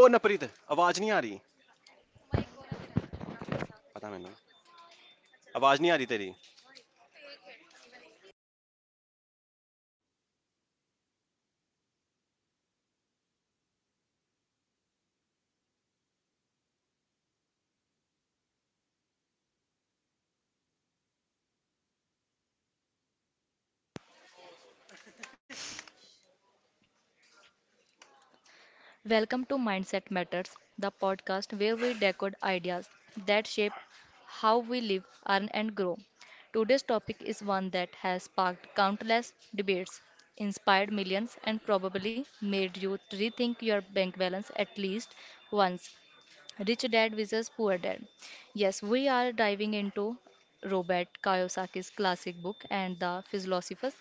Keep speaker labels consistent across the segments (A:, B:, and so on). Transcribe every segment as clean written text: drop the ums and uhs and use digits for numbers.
A: ओ नवप्रीत आवाज नहीं आ रही पता मैंने आवाज नहीं आ रही तेरी.
B: Welcome to Mindset Matters, the podcast where we decode ideas that shape how we live, earn, and grow. Today's topic is one that has sparked countless debates, inspired millions, and probably made you rethink your bank balance at least once. Rich Dad versus Poor Dad. Yes, we are diving into Robert Kiyosaki's classic book and the philosophers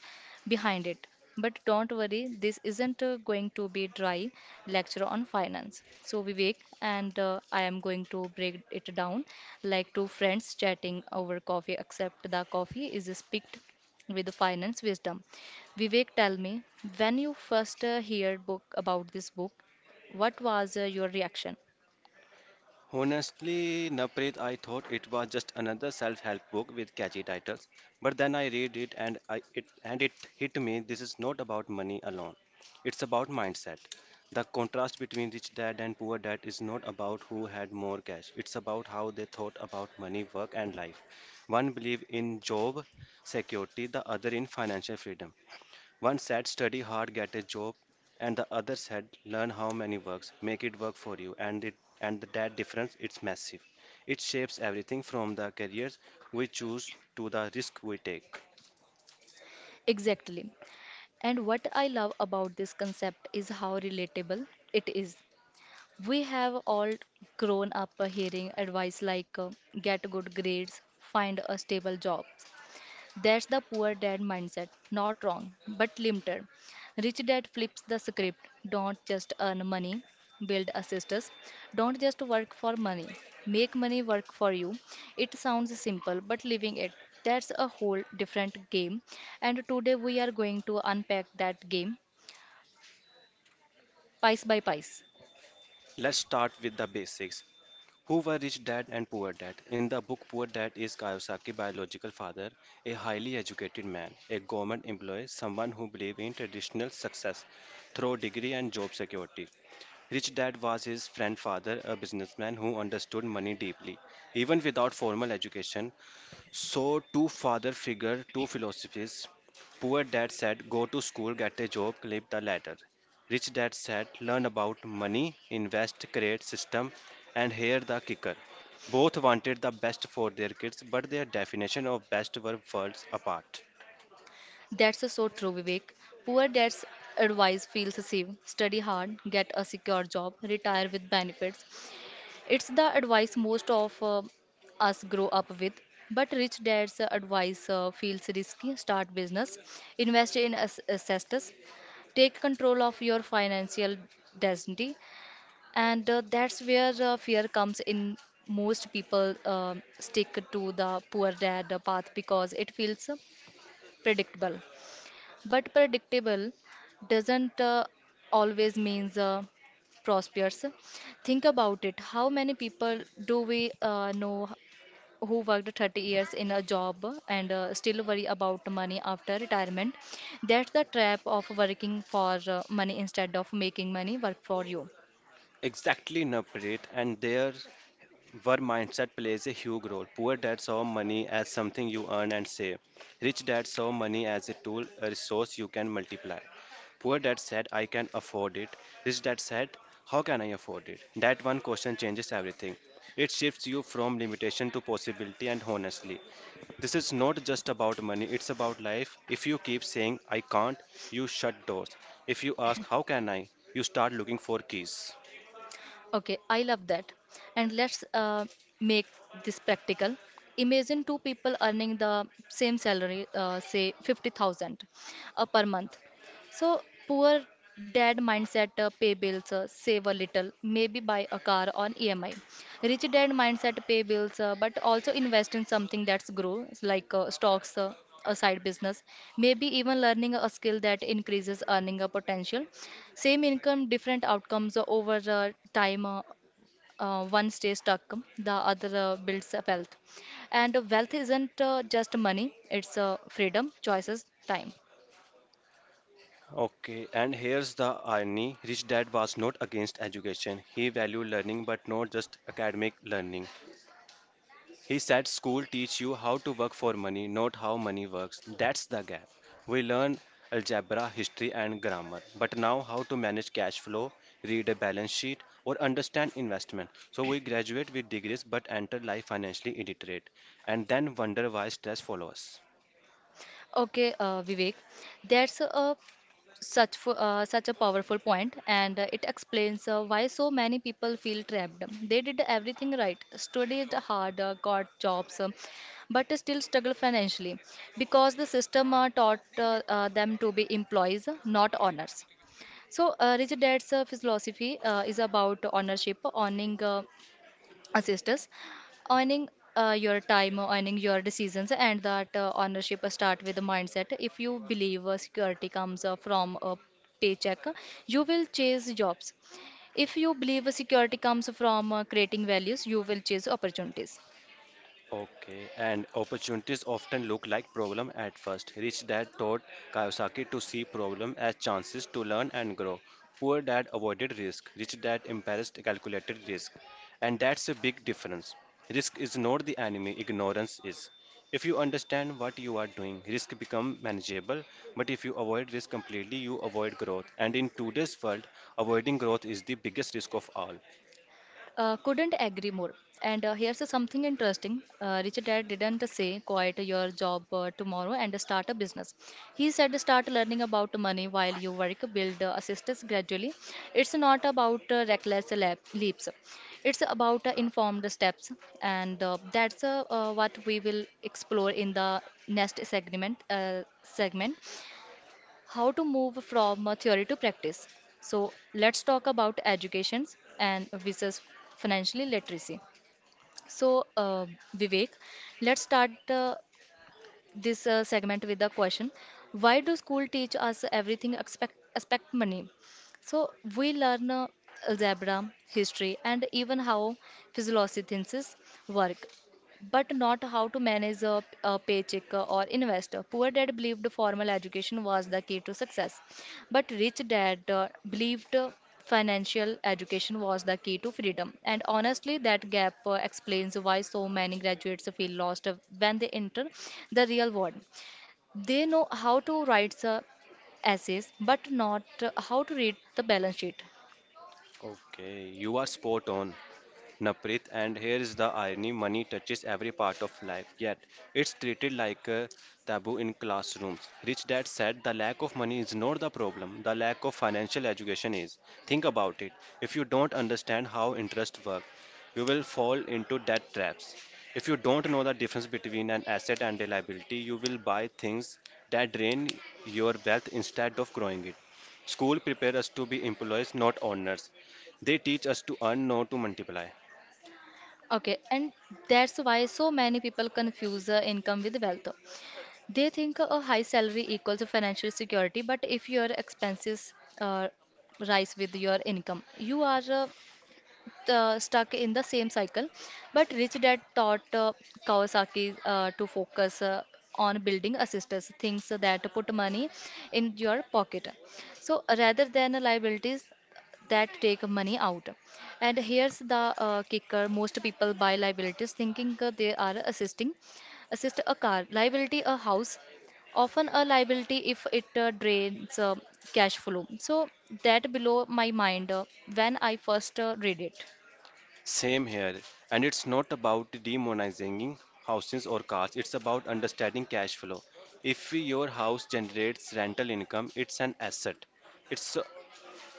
B: behind it. But don't worry, this isn't going to be dry lecture on finance. So Vivek and I am going to break it down like two friends chatting over coffee except the coffee is spicked with finance wisdom. Vivek, tell me, when you first heard book about this book, what was your reaction?
A: Honestly, Navpreet, I thought it was just another self-help book with catchy titles, but then I read it and it hit me. This is not about money alone, it's about mindset. The contrast between Rich Dad and Poor Dad is not about who had more cash, it's about how they thought about money, work and life. One believed in job security, the other in financial freedom. One said, study hard, get a job, and the other said, learn how money works, make it work for you. And that difference, it's massive. It shapes everything from the careers we choose to the risk we take.
B: Exactly. And what I love about this concept is how relatable it is. We have all grown up hearing advice like get good grades, find a stable job, that's the poor dad mindset. Not wrong, but limited. Rich dad flips the script. Don't just earn money, build assistants. Don't just work for money, make money work for you. It sounds simple, but living it, that's a whole different game. And today we are going to unpack that game piece by piece.
A: Let's start with the basics. Who were Rich Dad and Poor Dad? In the book, Poor Dad is Kayosaki's biological father, a highly educated man, a government employee, someone who believed in traditional success through degree and job security. Rich Dad was his friend father, a businessman who understood money deeply, even without formal education. So, two father figure, two philosophies. Poor dad said, go to school, get a job, climb the ladder. Rich dad said, learn about money, invest, create system, and here the kicker. Both wanted the best for their kids, but their definition of best were worlds apart.
B: That's so true, Vivek. Poor dad's advice feels safe. Study hard, get a secure job, retire with benefits. It's the advice most of us grow up with. But rich dad's advice feels risky. Start business, invest in assets, take control of your financial destiny, and that's where fear comes in. Most people stick to the poor dad path because it feels predictable. But predictable doesn't always means prosperous. Think about it. How many people do we know who worked 30 years in a job and still worry about money after retirement? That's the trap of working for money instead of making money work for you.
A: Exactly, Naprit, and their where mindset plays a huge role. Poor dads saw money as something you earn and save. Rich dads saw money as a tool, a resource you can multiply. Poor dad said, I can afford it. Rich dad said, how can I afford it? That one question changes everything. It shifts you from limitation to possibility, and honestly, this is not just about money, it's about life. If you keep saying, I can't, you shut doors. If you ask, how can I, you start looking for keys.
B: Okay, I love that. And let's make this practical. Imagine two people earning the same salary, say 50,000 per month. So, poor dad mindset pay bills, save a little, maybe buy a car on EMI. Rich dad mindset pay bills, but also invest in something that's grows like stocks, a side business, maybe even learning a skill that increases earning a potential. Same income, different outcomes over time. One stays stuck, the other builds up wealth. And wealth isn't just money, it's freedom, choices, time.
A: Okay, and here's the irony. Rich Dad was not against education. He valued learning, but not just academic learning. He said school teach you how to work for money, not how money works. That's the gap. We learn algebra, history, and grammar, but now how to manage cash flow, read a balance sheet, or understand investment. So we graduate with degrees but enter life financially illiterate, and then wonder why stress follows us.
B: Okay, Vivek, there's a such a powerful point, and it explains why so many people feel trapped. They did everything right, studied hard, got jobs, but still struggle financially because the system taught them to be employees, not owners. So rich dad's philosophy is about ownership, owning assist us, earning your time or earning your decisions. And that ownership start with the mindset. If you believe security comes from a paycheck, you will chase jobs. If you believe security comes from creating values, you will chase opportunities.
A: Okay, and opportunities often look like problem at first. Rich dad taught Kiyosaki to see problem as chances to learn and grow. Poor dad avoided risk. Rich dad embraced calculated risk. And that's a big difference. Risk is not the enemy, ignorance is. If you understand what you are doing, risk become manageable, but if you avoid risk completely, you avoid growth. And in today's world, avoiding growth is the biggest risk of all.
B: Couldn't agree more. And here's something interesting. Richard Dad didn't say quit your job tomorrow and start a business. He said start learning about money while you work, build assistance gradually. It's not about reckless leaps. It's about informed steps, and that's what we will explore in the next segment. Segment how to move from theory to practice. So, let's talk about educations and versus financially literacy. So, Vivek, let's start this segment with the question. Why do school teach us everything expect money? So, we learn algebra, history, and even how philosophy work, but not how to manage a paycheck or invest. Poor dad believed formal education was the key to success, but rich dad believed financial education was the key to freedom. And honestly, that gap explains why so many graduates feel lost when they enter the real world. They know how to write the essays, but not how to read the balance sheet.
A: Okay, you are spot on, Naprit. And here is the irony, money touches every part of life, yet it's treated like a taboo in classrooms. Rich Dad said the lack of money is not the problem, the lack of financial education is. Think about it. If you don't understand how interest works, you will fall into debt traps. If you don't know the difference between an asset and a liability, you will buy things that drain your wealth instead of growing it. School prepare us to be employees, not owners. They teach us to earn, not to multiply.
B: Okay, and that's why so many people confuse income with wealth. They think a high salary equals a financial security, but if your expenses uh, rise with your income, you are stuck in the same cycle. But Rich Dad taught Kawasaki to focus on building assistance, things that put money in your pocket. So rather than liabilities, that take money out. And here's the kicker, most people buy liabilities thinking they are assist a car, liability a house, often a liability if it drains cash flow. So that below my mind when I first read it.
A: Same here. And it's not about demonizing houses or cars, it's about understanding cash flow. If your house generates rental income, it's an asset. It's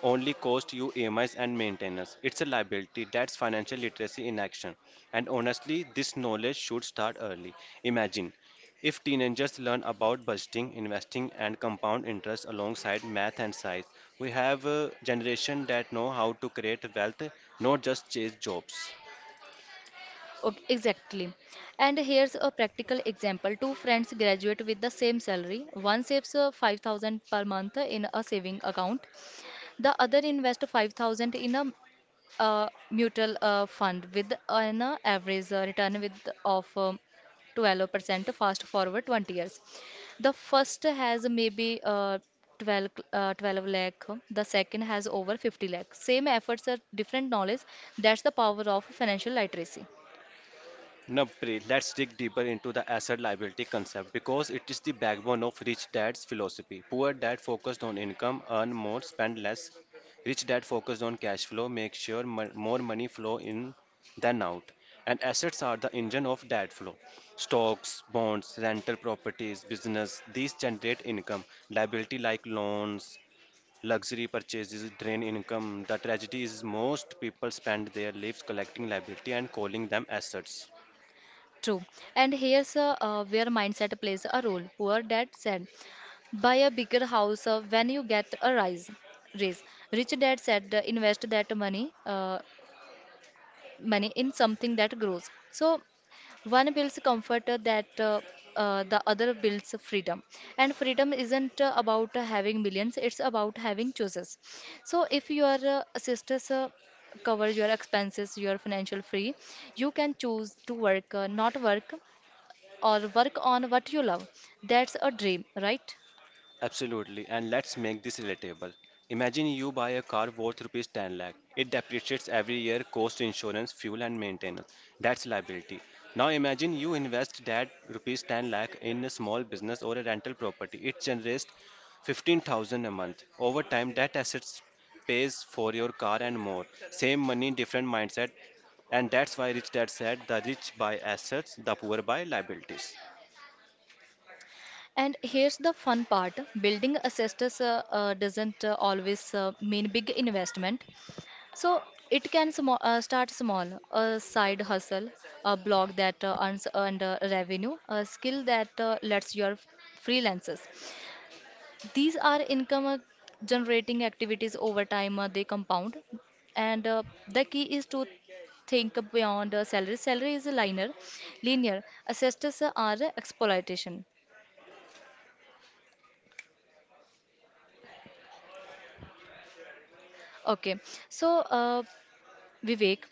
A: only cost you EMIs and maintenance. It's a liability. That's financial literacy in action. And honestly, this knowledge should start early. Imagine if teenagers learn about budgeting, investing, and compound interest alongside math and science, we have a generation that know how to create wealth, not just chase jobs.
B: Okay, exactly. And here's a practical example. Two friends graduate with the same salary. One saves 5,000 per month in a saving account. The other invests 5,000 in a mutual fund with an average return with of 12% fast forward 20 years. The first has maybe 12 lakh, the second has over 50 lakh. Same efforts are different knowledge. That's the power of financial literacy.
A: Napri, let's dig deeper into the asset liability concept because it is the backbone of rich dad's philosophy. Poor dad focused on income, earn more, spend less. Rich dad focused on cash flow, make sure more money flow in than out. And assets are the engine of dad flow. Stocks, bonds, rental properties, business, these generate income. Liability like loans, luxury purchases drain income. The tragedy is most people spend their lives collecting liability and calling them assets.
B: True. And here's where mindset plays a role. Poor dad said, buy a bigger house when you get a rise. Raise. Rich dad said, invest that money in something that grows. So one builds comfort that the other builds freedom. And freedom isn't about having millions, it's about having choices. So if your sisters cover your expenses, your financial free, you can choose to work, not work, or work on what you love. That's a dream, right?
A: Absolutely, and let's make this relatable. Imagine you buy a car worth rupees 10 lakh. It depreciates every year, cost insurance, fuel and maintenance. That's liability. Now imagine you invest that rupees 10 lakh in a small business or a rental property. It generates 15,000 a month. Over time that assets pays for your car and more. Same money, different mindset. And that's why rich dad said the rich buy assets, the poor buy liabilities.
B: And here's the fun part, building a sisters doesn't always mean big investment. So it can sm start small, a side hustle, a blog that earns earned revenue, a skill that lets your freelances. These are income generating activities. Over time, they compound. And the key is to think beyond salary. Salary is a linear. Assessors are exploitation. Okay, so Vivek,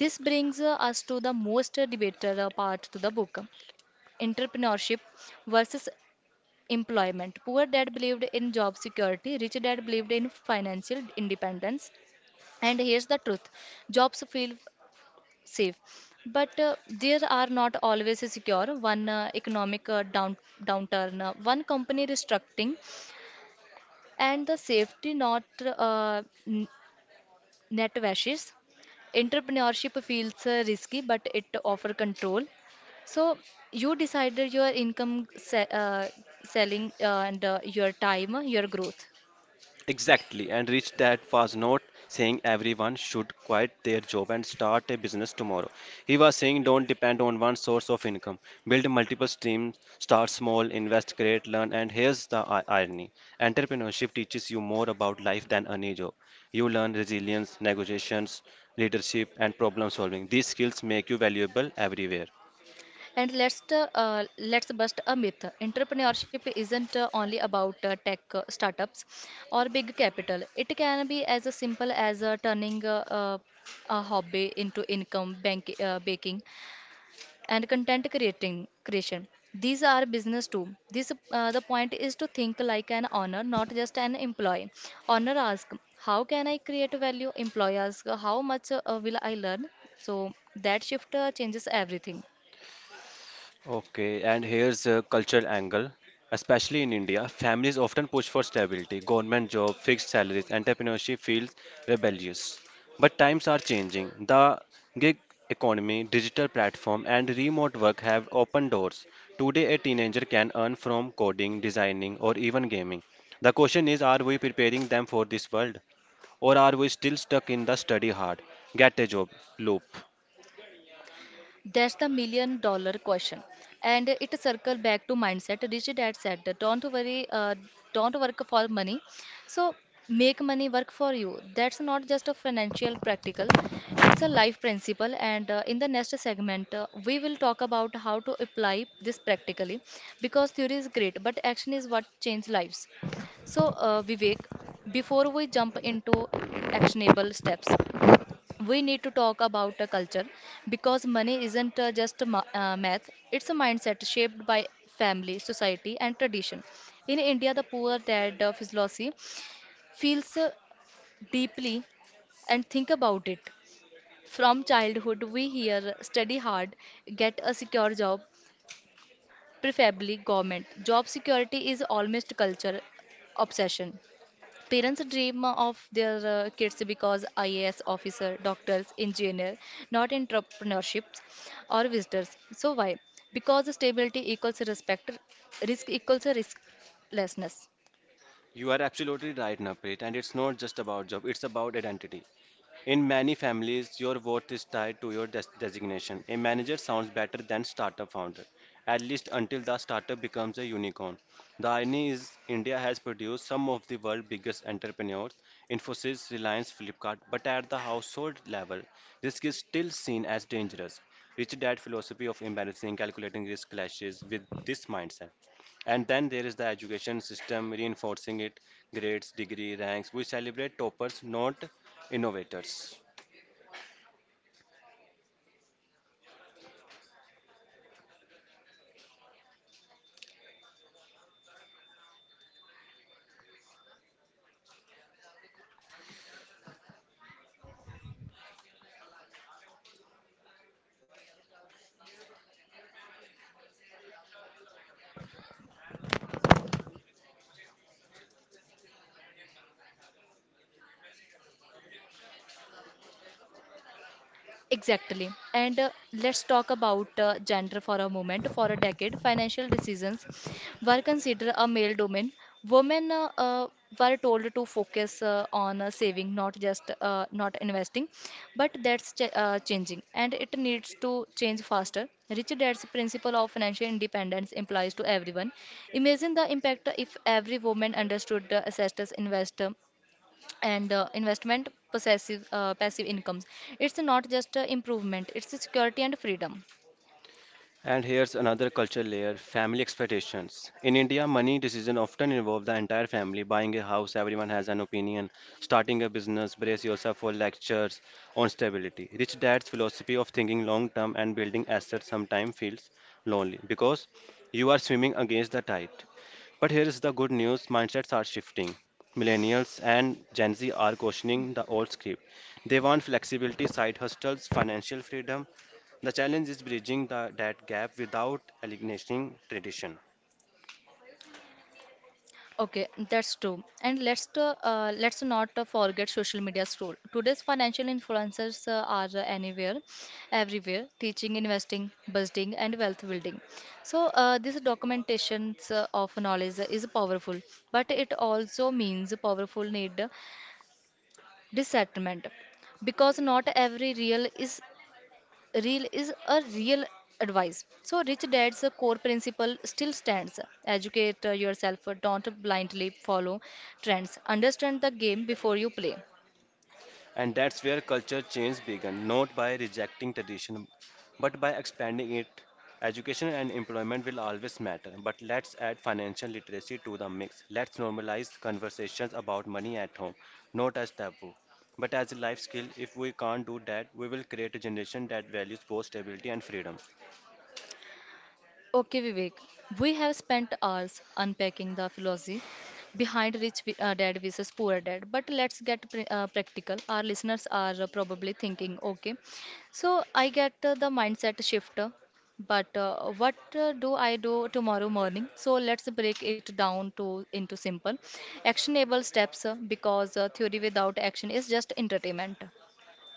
B: this brings us to the most debated part to the book. Entrepreneurship versus employment. Poor dad believed in job security, rich dad believed in financial independence. And here's the truth, jobs feel safe, but they are not always secure. One economic downturn, one company restructuring, and the safety not Net washes. Entrepreneurship feels risky, but it offers control. So you decided your income, selling, and your time, your growth.
A: Exactly, and Rich Dad was not saying everyone should quit their job and start a business tomorrow. He was saying don't depend on one source of income. Build multiple streams, start small, invest, create, learn, and here's the irony. Entrepreneurship teaches you more about life than any job. You learn resilience, negotiations, leadership, and problem solving. These skills make you valuable everywhere.
B: And let's bust a myth. Entrepreneurship isn't only about tech startups or big capital. It can be as simple as turning a hobby into income, baking, and content creating creation. These are business too. This the point is to think like an owner, not just an employee. Owner ask, how can I create value? Employee ask, how much will I learn? So that shift changes everything.
A: Okay, and here's a cultural angle. Especially in India, families often push for stability, government job, fixed salaries, entrepreneurship feels rebellious. But times are changing. The gig economy, digital platform, and remote work have opened doors. Today, a teenager can earn from coding, designing, or even gaming. The question is, are we preparing them for this world, or are we still stuck in the study hard, get a job loop?
B: That's the million dollar question. And it circle back to mindset. Richie Dad said, don't work for money. So make money work for you. That's not just a financial practical, it's a life principle. And in the next segment, we will talk about how to apply this practically because theory is great, but action is what changes lives. So, Vivek, before we jump into actionable steps, we need to talk about a culture because money isn't just a math. It's a mindset shaped by family, society, and tradition. In India, the poor dad philosophy feels deeply. And think about it, from childhood we hear study hard, get a secure job, preferably government. Job security is almost culture obsession. Parents dream of their kids because IAS officer, doctors, engineer, not entrepreneurships or visitors. So why? Because stability equals respect, risk equals risklessness.
A: You are absolutely right, Naprit, and it's not just about job, it's about identity. In many families, your worth is tied to your designation. A manager sounds better than startup founder, at least until the startup becomes a unicorn. The irony is, India has produced some of the world's biggest entrepreneurs, Infosys, Reliance, Flipkart, but at the household level, risk is still seen as dangerous. Rich dad philosophy of embarrassing calculating risk clashes with this mindset. And then there is the education system reinforcing it, grades, degree, ranks. We celebrate toppers, not innovators.
B: Exactly. And let's talk about gender for a moment. For a decade, financial decisions were considered a male domain. Women were told to focus on saving, not just not investing. But that's ch changing, and it needs to change faster. Rich Dad's principle of financial independence implies to everyone. Imagine the impact if every woman understood the assets and investment possessive passive incomes. It's not just a improvement, it's a security and freedom.
A: And here's another cultural layer, family expectations. In India, money decisions often involve the entire family. Buying a house, everyone has an opinion. Starting a business, brace yourself for lectures on stability. Rich dad's philosophy of thinking long term and building assets sometimes feels lonely because you are swimming against the tide. But here is the good news, mindsets are shifting. Millennials and Gen Z are questioning the old script. They want flexibility, side hustles, financial freedom. The challenge is bridging that gap without alienating tradition.
B: Okay, that's true. And let's not forget social media's role. Today's financial influencers are anywhere everywhere, teaching investing, budgeting and wealth building. So this documentations of knowledge is powerful, but it also means powerful need discernment, because not every real is a real advice. So Rich Dad's core principle still stands. Educate yourself, don't blindly follow trends. Understand the game before you play.
A: And that's where culture change began, not by rejecting tradition, but by expanding it. Education and employment will always matter, but let's add financial literacy to the mix. Let's normalize conversations about money at home, not as taboo, but as a life skill. If we can't do that, we will create a generation that values both stability and freedom.
B: Okay, Vivek, we have spent hours unpacking the philosophy behind rich dad versus poor dad, but let's get practical. Our listeners are probably thinking, okay, so I get the mindset shift, but what do I do tomorrow morning? So let's break it down to into simple, actionable steps because theory without action is just entertainment.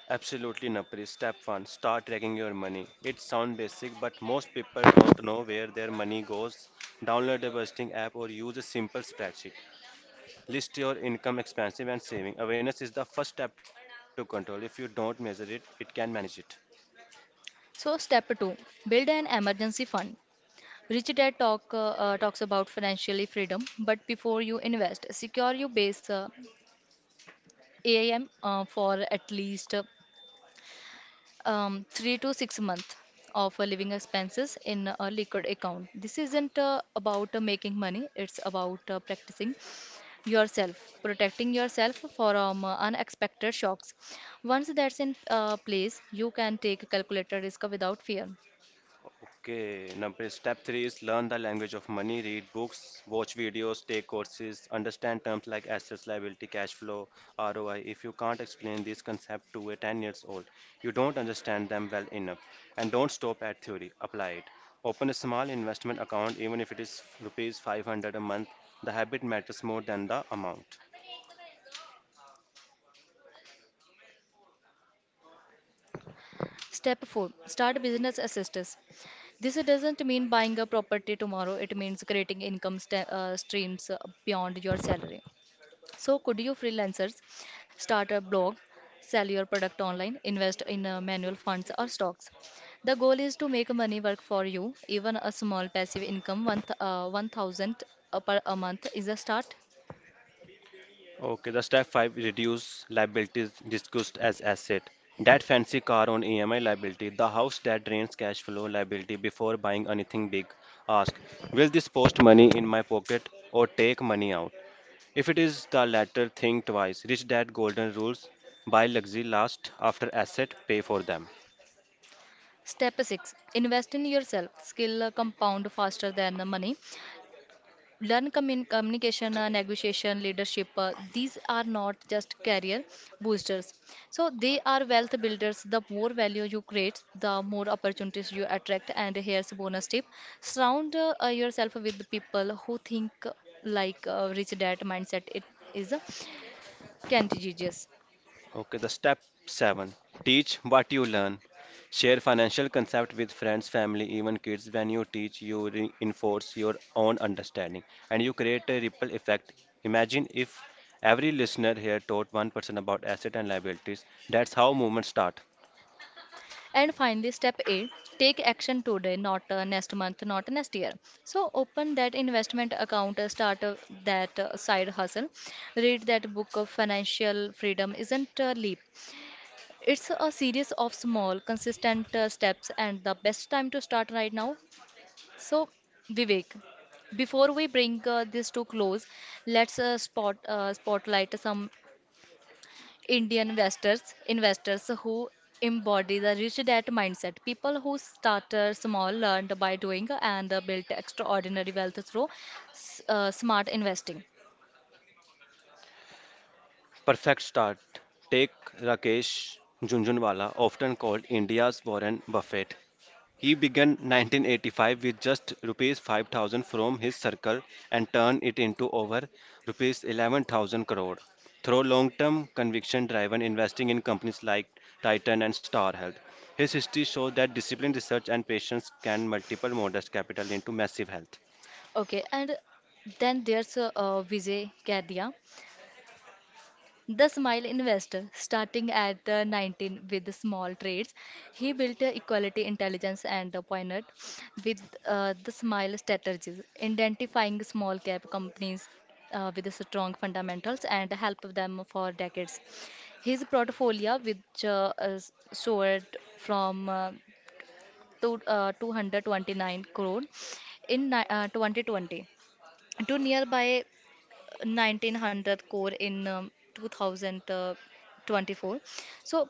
A: Absolutely, Napri. Step one, start tracking your money. It sounds basic, but most people don't know where their money goes. Download a budgeting app or use a simple spreadsheet. List your income, expenses, and saving. Awareness is the first step to control. If you don't measure it, it can manage it.
B: So, step 2, build an emergency fund. Rich Dad talks about financially freedom, but before you invest, secure your base. AIM for at least three to six months of living expenses in a liquid account. This isn't about making money; it's about practicing yourself, protecting yourself from unexpected shocks. Once that's in place, you can take a calculated risk without fear.
A: Okay, number step three is learn the language of money, read books, watch videos, take courses, understand terms like assets, liability, cash flow, ROI. If you can't explain this concept to a 10 years old, you don't understand them well enough. And don't stop at theory, apply it. Open a small investment account, even if it is rupees 500 a month. The habit matters more than the amount.
B: Step 4, start business assistance. This doesn't mean buying a property tomorrow, it means creating income streams beyond your salary. So, could you freelancers start a blog, sell your product online, invest in manual funds or stocks? The goal is to make money work for you. Even a small passive income, 1,000 per a month, is a start.
A: Okay, the step five, reduce liabilities discussed as asset. That fancy car on EMI liability, the house that drains cash flow liability, before buying anything big. Ask, will this post money in my pocket or take money out? If it is the latter, think twice. Rich dad golden rules, buy luxury last, after asset, pay for them.
B: Step 6, invest in yourself. Skill compound faster than the money. Learn communication, negotiation, leadership, these are not just career boosters, so they are wealth builders. The more value you create, the more opportunities you attract. And here's a bonus tip, surround yourself with people who think like rich dad mindset. It is contagious.
A: Okay, the step seven, teach what you learn. Share financial concept with friends, family, even kids. When you teach, you reinforce your own understanding and you create a ripple effect. Imagine if every listener here taught one person about asset and liabilities. That's how movements start.
B: And finally, step 8, take action today, not next month, not next year. So open that investment account, start that side hustle, read that book of financial freedom isn't a leap. It's a series of small, consistent steps, and the best time to start right now. So, Vivek, before we bring this to close, let's spotlight some Indian investors, investors who embody the rich dad mindset, people who started small, learned by doing, and built extraordinary wealth through smart investing.
A: Perfect start. Take Rakesh Junjunwala, often called India's Warren Buffett. He began 1985 with just rupees 5,000 from his circle and turned it into over rupees 11,000 crore through long-term conviction-driven investing in companies like Titan and Star Health. His history shows that disciplined research and patience can multiple modest capital into massive health.
B: Okay, and then there's Vijay Gadya. The Smile Investor, starting at 19 with small trades, he built equality intelligence and pioneered with the Smile strategies, identifying small cap companies with strong fundamentals and help them for decades. His portfolio, which soared from to, 229 crore in 2020 to nearby 1900 core in 2024. So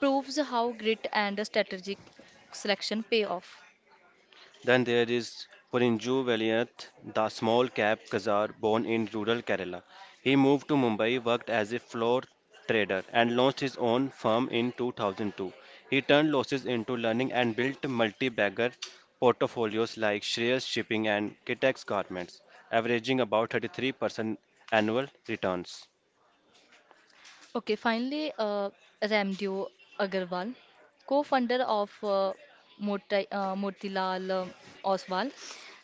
B: proves how grit and strategic selection pay off.
A: Then there is Purinju Valiyath, the small cap Khazar born in rural Kerala. He moved to Mumbai, worked as a floor trader, and launched his own firm in 2002. He turned losses into learning and built multi bagger portfolios like Shreyas Shipping and Kitex Garments, averaging about 33% annual returns.
B: Okay, finally, Ramdev Agarwal, co-founder of Motilal Oswal,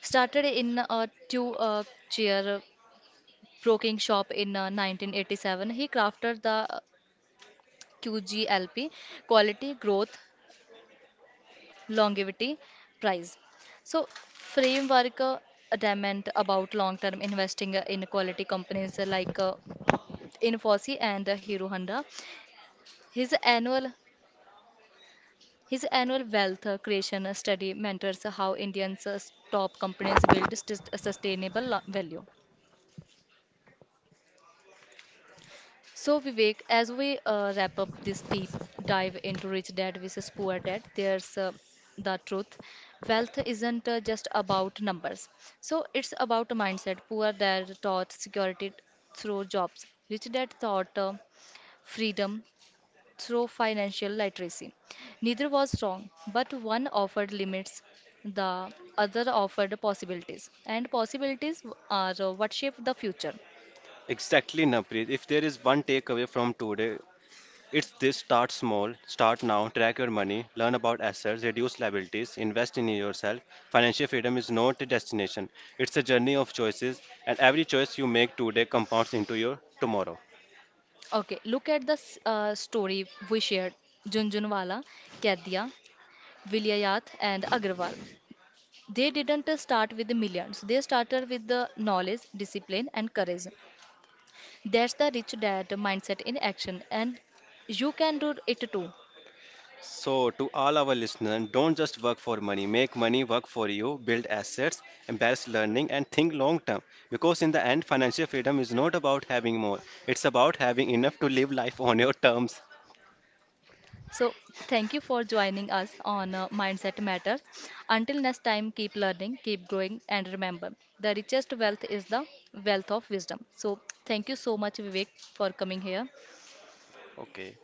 B: started in a two-chair broking shop in 1987. He crafted the QGLP, Quality Growth, longevity, prize. So, framework adamant about long-term investing in quality companies like Infosys and Hero Honda. His annual his annual wealth creation study mentors how Indians' top companies build sustainable value. So, Vivek, as we wrap up this deep dive into rich dad versus poor dad, there's the truth. Wealth isn't just about numbers. So, it's about mindset. Poor dad taught security through jobs, rich dad taught freedom through financial literacy. Neither was wrong, but one offered limits, the other offered possibilities. And possibilities are what shape the future.
A: Exactly, Napri. If there is one takeaway from today, it's this, start small, start now, track your money, learn about assets, reduce liabilities, invest in yourself. Financial freedom is not a destination, it's a journey of choices, and every choice you make today compounds into your tomorrow.
B: Okay, look at the story we shared, Junjunwala, Kaidia, Vilayat, and Agrawal. They didn't start with the millions, they started with the knowledge, discipline, and courage. That's the rich dad mindset in action, and you can do it too.
A: So, to all our listeners, don't just work for money, make money work for you, build assets, embrace learning, and think long term. Because in the end, financial freedom is not about having more, it's about having enough to live life on your terms.
B: So, thank you for joining us on Mindset Matters. Until next time, keep learning, keep growing, and remember the richest wealth is the wealth of wisdom. So, thank you so much, Vivek, for coming here.
A: Okay.